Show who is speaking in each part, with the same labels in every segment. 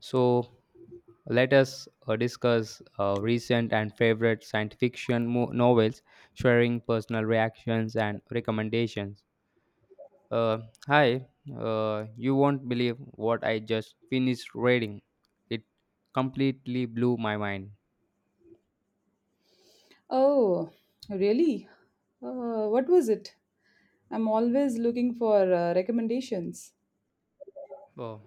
Speaker 1: So let us discuss recent and favorite science fiction novels, sharing personal reactions and recommendations. Uh, hi, you won't believe what I just finished reading. It completely blew my mind.
Speaker 2: Oh, really? What was it? I'm always looking for recommendations.
Speaker 1: Oh,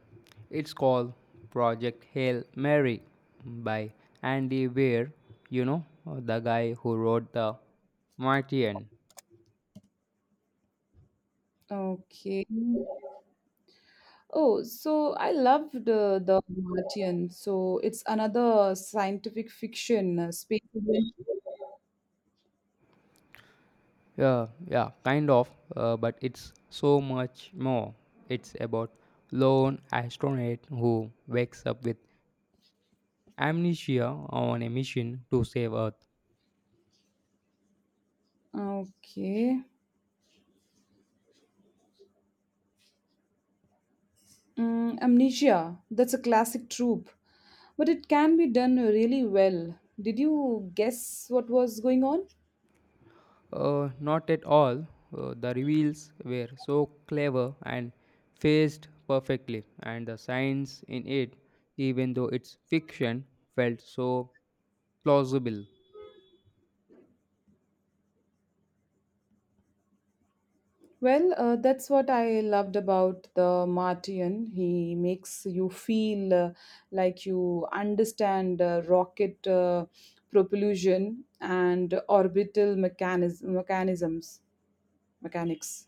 Speaker 1: it's called Project Hail Mary by Andy Weir, you know, the guy who wrote The Martian.
Speaker 2: Okay. Oh, so I loved The Martian. So it's another scientific fiction space adventure.
Speaker 1: Yeah, yeah, kind of, but it's so much more. It's about lone astronaut who wakes up with amnesia on a mission to save Earth.
Speaker 2: Okay. Mm, amnesia. That's a classic trope, but it can be done really well. Did you guess what was going on?
Speaker 1: Not at all. The reveals were so clever and phased perfectly, and the science in it, even though it's fiction, felt so plausible.
Speaker 2: Well, that's what I loved about the Martian. He makes you feel like you understand rocket propulsion and orbital mechanics.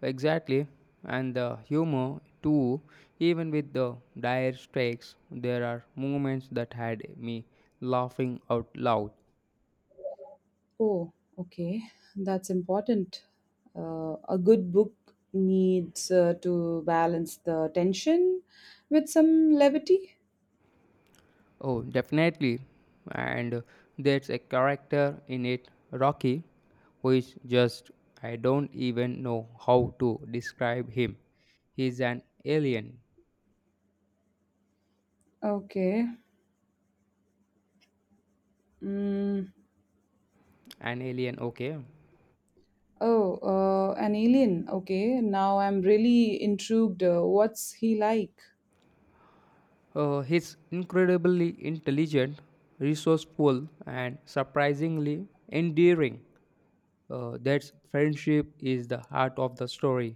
Speaker 1: Exactly. And the humor, too, even with the dire strikes, there are moments that had me laughing out loud.
Speaker 2: Oh, okay, that's important. A good book needs to balance the tension with some levity.
Speaker 1: Oh, definitely. And there's a character in it, Rocky, who is just, I don't even know how to describe him. He's an alien.
Speaker 2: Okay. Mm.
Speaker 1: An alien, okay.
Speaker 2: Oh, an alien. Okay, now I'm really intrigued. What's he like?
Speaker 1: He's incredibly intelligent, resourceful, and surprisingly endearing. That friendship is the heart of the story.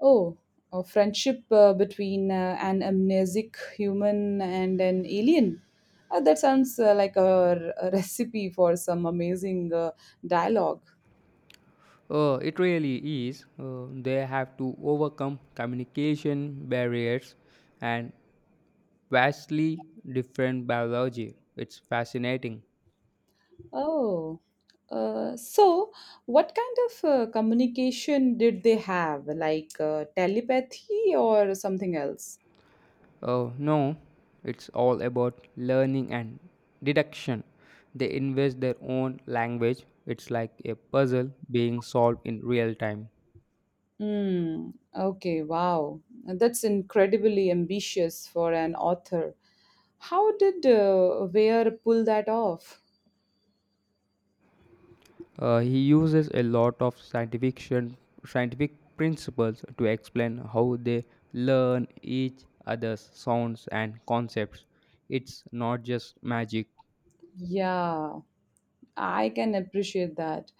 Speaker 2: Oh, a friendship between an amnesic human and an alien. That sounds like a recipe for some amazing dialogue.
Speaker 1: It really is. They have to overcome communication barriers and vastly different biology. It's fascinating.
Speaker 2: Oh, so what kind of communication did they have? Like telepathy or something else?
Speaker 1: No, it's all about learning and deduction. They invest their own language. It's like a puzzle being solved in real time.
Speaker 2: Mm, okay, wow. That's incredibly ambitious for an author. How did Weir pull that off?
Speaker 1: He uses a lot of scientific principles to explain how they learn each other's sounds and concepts. It's not just magic.
Speaker 2: Yeah, I can appreciate that.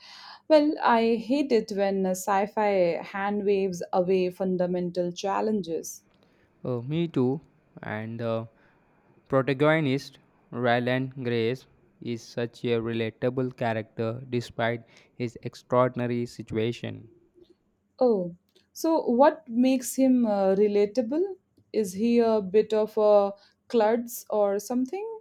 Speaker 2: Well, I hate it when sci-fi hand waves away fundamental challenges.
Speaker 1: Me too. And the protagonist, Ryland Grace, is such a relatable character despite his extraordinary situation.
Speaker 2: Oh, so what makes him relatable? Is he a bit of a klutz or something?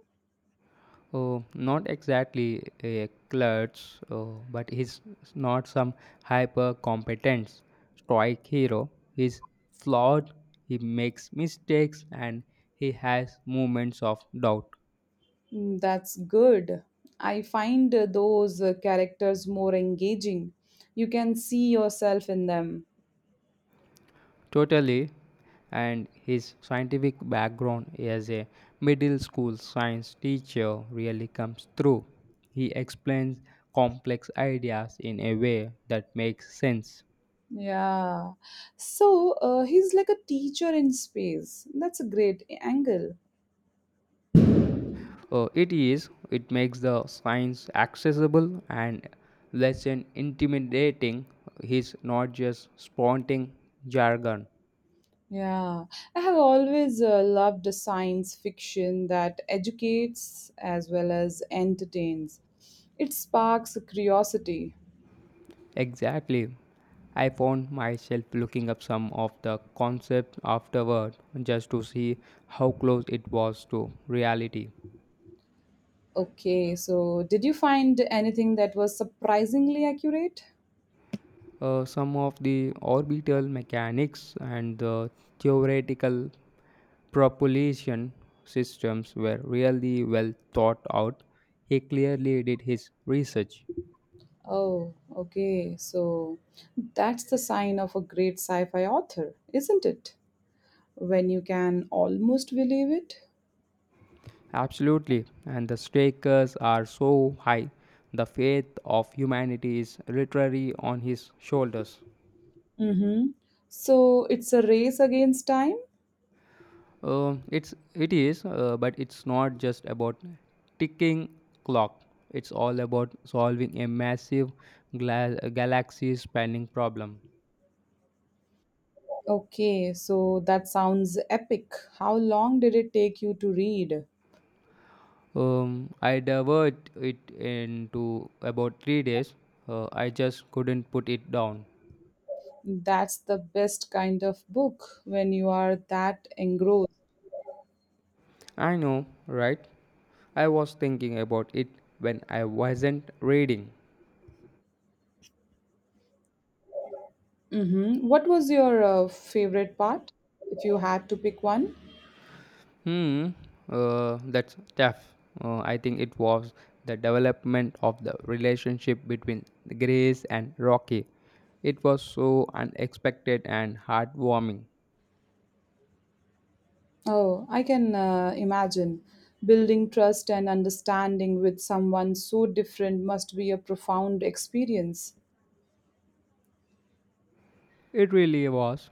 Speaker 1: Oh, not exactly a klutz, oh, but he's not some hyper competent stoic hero. He's flawed, he makes mistakes, and he has moments of doubt.
Speaker 2: Mm, that's good. I find those characters more engaging. You can see yourself in them.
Speaker 1: Totally. And his scientific background as a middle school science teacher really comes through. He explains complex ideas in a way that makes sense.
Speaker 2: Yeah. So he's like a teacher in space. That's a great angle.
Speaker 1: It is, it makes the science accessible and less intimidating. He's not just spouting jargon.
Speaker 2: Yeah. I have always loved the science fiction that educates as well as entertains. It sparks curiosity.
Speaker 1: Exactly. I found myself looking up some of the concepts afterward just to see how close it was to reality.
Speaker 2: Okay, so did you find anything that was surprisingly accurate?
Speaker 1: Some of the orbital mechanics and the theoretical propulsion systems were really well thought out. He clearly did his research.
Speaker 2: Oh, okay. So that's the sign of a great sci fi author, isn't it? When you can almost believe it.
Speaker 1: Absolutely, and the stakes are so high. The fate of humanity is literally on his shoulders.
Speaker 2: Mm-hmm. So it's a race against time?
Speaker 1: It is, but it's not just about ticking clock. It's all about solving a massive galaxy-spanning problem.
Speaker 2: Okay, so that sounds epic. How long did it take you to read?
Speaker 1: I devoured it into about 3 days. I just couldn't put it down.
Speaker 2: That's the best kind of book when you are that engrossed.
Speaker 1: I know, right? I was thinking about it when I wasn't reading.
Speaker 2: Mm-hmm. What was your favorite part if you had to pick one?
Speaker 1: Hmm, that's tough. I think it was the development of the relationship between Grace and Rocky. It was so unexpected and heartwarming.
Speaker 2: Oh, I can imagine. Building trust and understanding with someone so different must be a profound experience.
Speaker 1: It really was.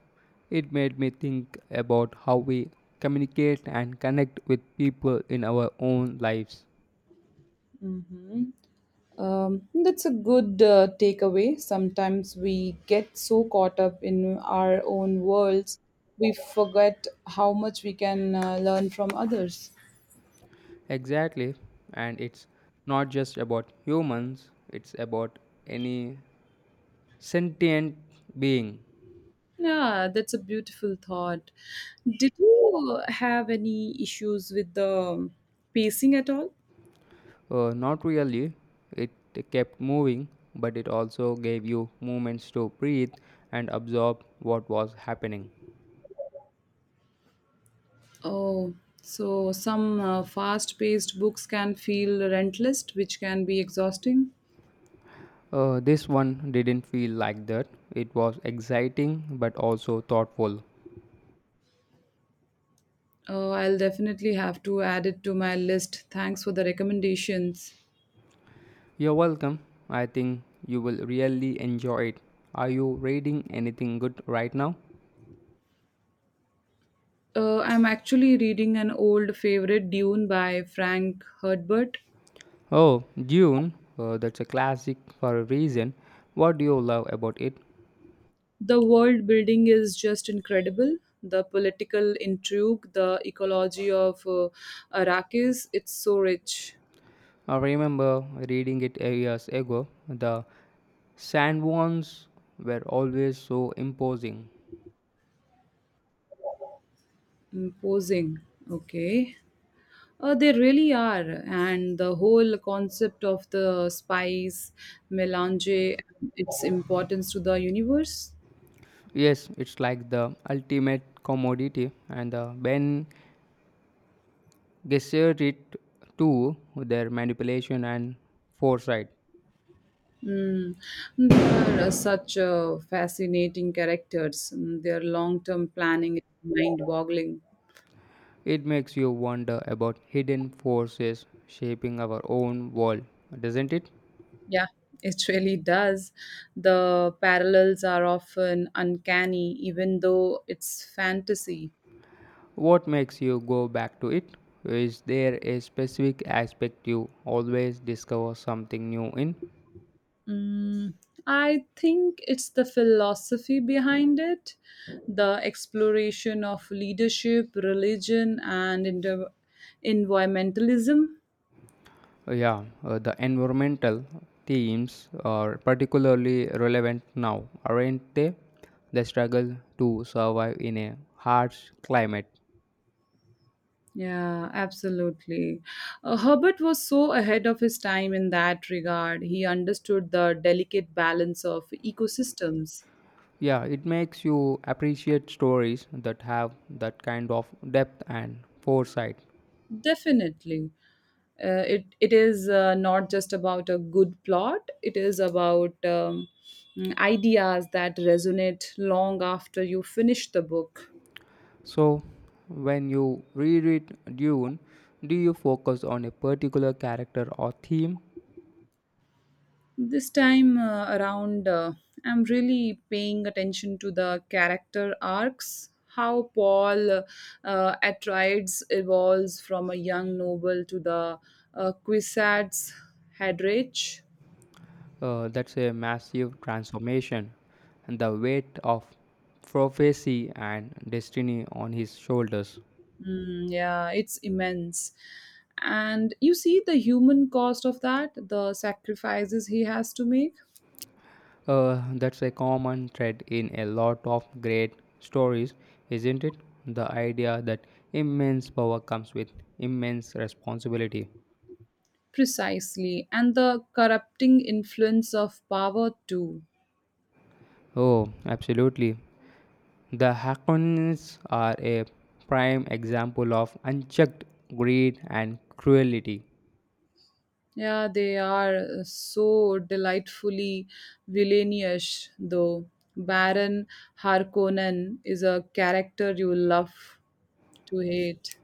Speaker 1: It made me think about how we communicate and connect with people in our own lives.
Speaker 2: That's a good takeaway. Sometimes we get so caught up in our own worlds, we forget how much we can learn from others.
Speaker 1: Exactly. And it's not just about humans, it's about any sentient being.
Speaker 2: Yeah, that's a beautiful thought. Did you have any issues with the pacing at all?
Speaker 1: Not really. It kept moving, but it also gave you moments to breathe and absorb what was happening.
Speaker 2: Oh, so some fast paced books can feel rentless, which can be exhausting.
Speaker 1: This one didn't feel like that. It was exciting but also thoughtful.
Speaker 2: I'll definitely have to add it to my list. Thanks for the recommendations.
Speaker 1: You're welcome. I think you will really enjoy it. Are you reading anything good right now?
Speaker 2: I'm actually reading an old favorite, Dune by Frank Herbert.
Speaker 1: Oh, Dune. That's a classic for a reason. What do you love about it?
Speaker 2: The world building is just incredible. The political intrigue, the ecology of Arrakis, it's so rich.
Speaker 1: I remember reading it years ago. The sandworms were always so imposing.
Speaker 2: Imposing. Okay. They really are. And the whole concept of the spice melange and its importance to the universe.
Speaker 1: Yes, it's like the ultimate commodity, and the Ben Gesserit too, their manipulation and foresight.
Speaker 2: Mm. They are such fascinating characters. Mm, their long term planning is mind boggling.
Speaker 1: It makes you wonder about hidden forces shaping our own world, doesn't it?
Speaker 2: Yeah, it really does. The parallels are often uncanny, even though it's fantasy.
Speaker 1: What makes you go back to it? Is there a specific aspect you always discover something new in?
Speaker 2: Mm, I think it's the philosophy behind it, the exploration of leadership, religion, and environmentalism.
Speaker 1: Yeah, the environmental themes are particularly relevant now, aren't they? The struggle to survive in a harsh climate.
Speaker 2: Yeah, absolutely. Herbert was so ahead of his time in that regard. He understood the delicate balance of ecosystems.
Speaker 1: Yeah, it makes you appreciate stories that have that kind of depth and foresight.
Speaker 2: Definitely. It is not just about a good plot, it is about ideas that resonate long after you finish the book.
Speaker 1: So, when you reread Dune, do you focus on a particular character or theme?
Speaker 2: This time around, I'm really paying attention to the character arcs. How Paul Atreides evolves from a young noble to the Quisatz Haderach.
Speaker 1: That's a massive transformation, and the weight of prophecy and destiny on his shoulders.
Speaker 2: Mm, yeah, it's immense. And you see the human cost of that, the sacrifices he has to make?
Speaker 1: That's a common thread in a lot of great stories, isn't it? The idea that immense power comes with immense responsibility.
Speaker 2: Precisely. And the corrupting influence of power, too.
Speaker 1: Oh, absolutely. The Haqqanids are a prime example of unchecked greed and cruelty.
Speaker 2: Yeah, they are so delightfully villainish, though. Baron Harkonnen is a character you love to hate.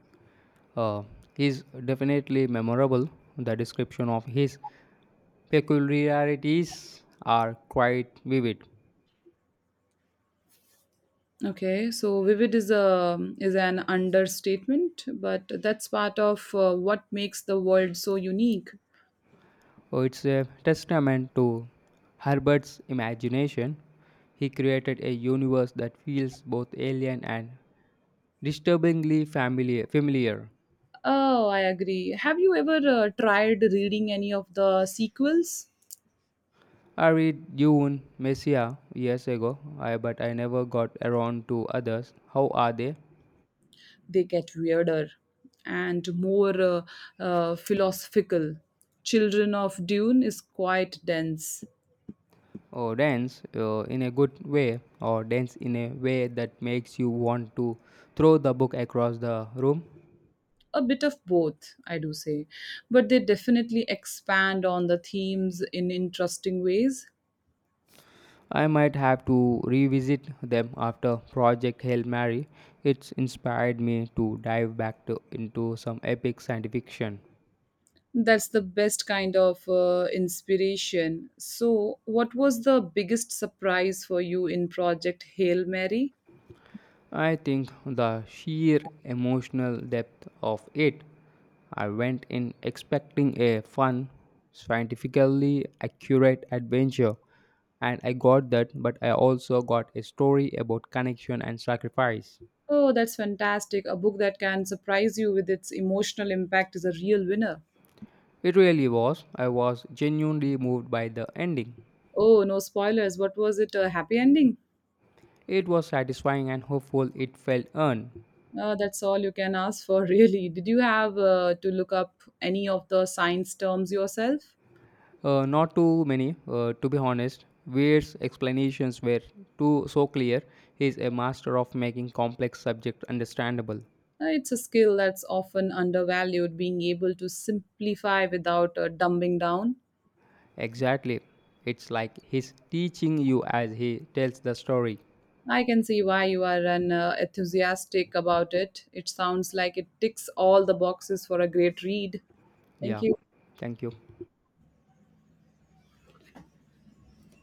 Speaker 1: Uh, is definitely memorable. The description of his peculiarities are quite vivid.
Speaker 2: Okay, so vivid is a is an understatement, but that's part of what makes the world so unique.
Speaker 1: It's a testament to Herbert's imagination. He created a universe that feels both alien and disturbingly familiar.
Speaker 2: Oh, I agree. Have you ever tried reading any of the sequels?
Speaker 1: I read Jun Messiah years ago, but I never got around to others. How are they?
Speaker 2: They get weirder and more philosophical. Children of Dune is quite dense.
Speaker 1: Oh, dance in a good way, or dance in a way that makes you want to throw the book across the room.
Speaker 2: A bit of both, I do say, but they definitely expand on the themes in interesting ways.
Speaker 1: I might have to revisit them after Project Hail Mary. It's inspired me to dive into some epic science fiction.
Speaker 2: That's the best kind of inspiration. So, what was the biggest surprise for you in Project Hail Mary?
Speaker 1: I think the sheer emotional depth of it. I went in expecting a fun, scientifically accurate adventure, and I got that, but I also got a story about connection and sacrifice.
Speaker 2: Oh, that's fantastic. A book that can surprise you with its emotional impact is a real winner.
Speaker 1: It really was. I was genuinely moved by the ending.
Speaker 2: Oh, no spoilers. What was it? A happy ending?
Speaker 1: It was satisfying and hopeful, it felt earned.
Speaker 2: That's all you can ask for, really. Did you have to look up any of the science terms yourself?
Speaker 1: Not too many, to be honest. Weir's explanations were too so clear. He is a master of making complex subject understandable.
Speaker 2: It's a skill that's often undervalued, being able to simplify without dumbing down.
Speaker 1: Exactly. It's like he's teaching you as he tells the story.
Speaker 2: I can see why you are an enthusiastic about it. It sounds like it ticks all the boxes for a great read. Thank
Speaker 1: Yeah.
Speaker 2: you.
Speaker 1: Thank you.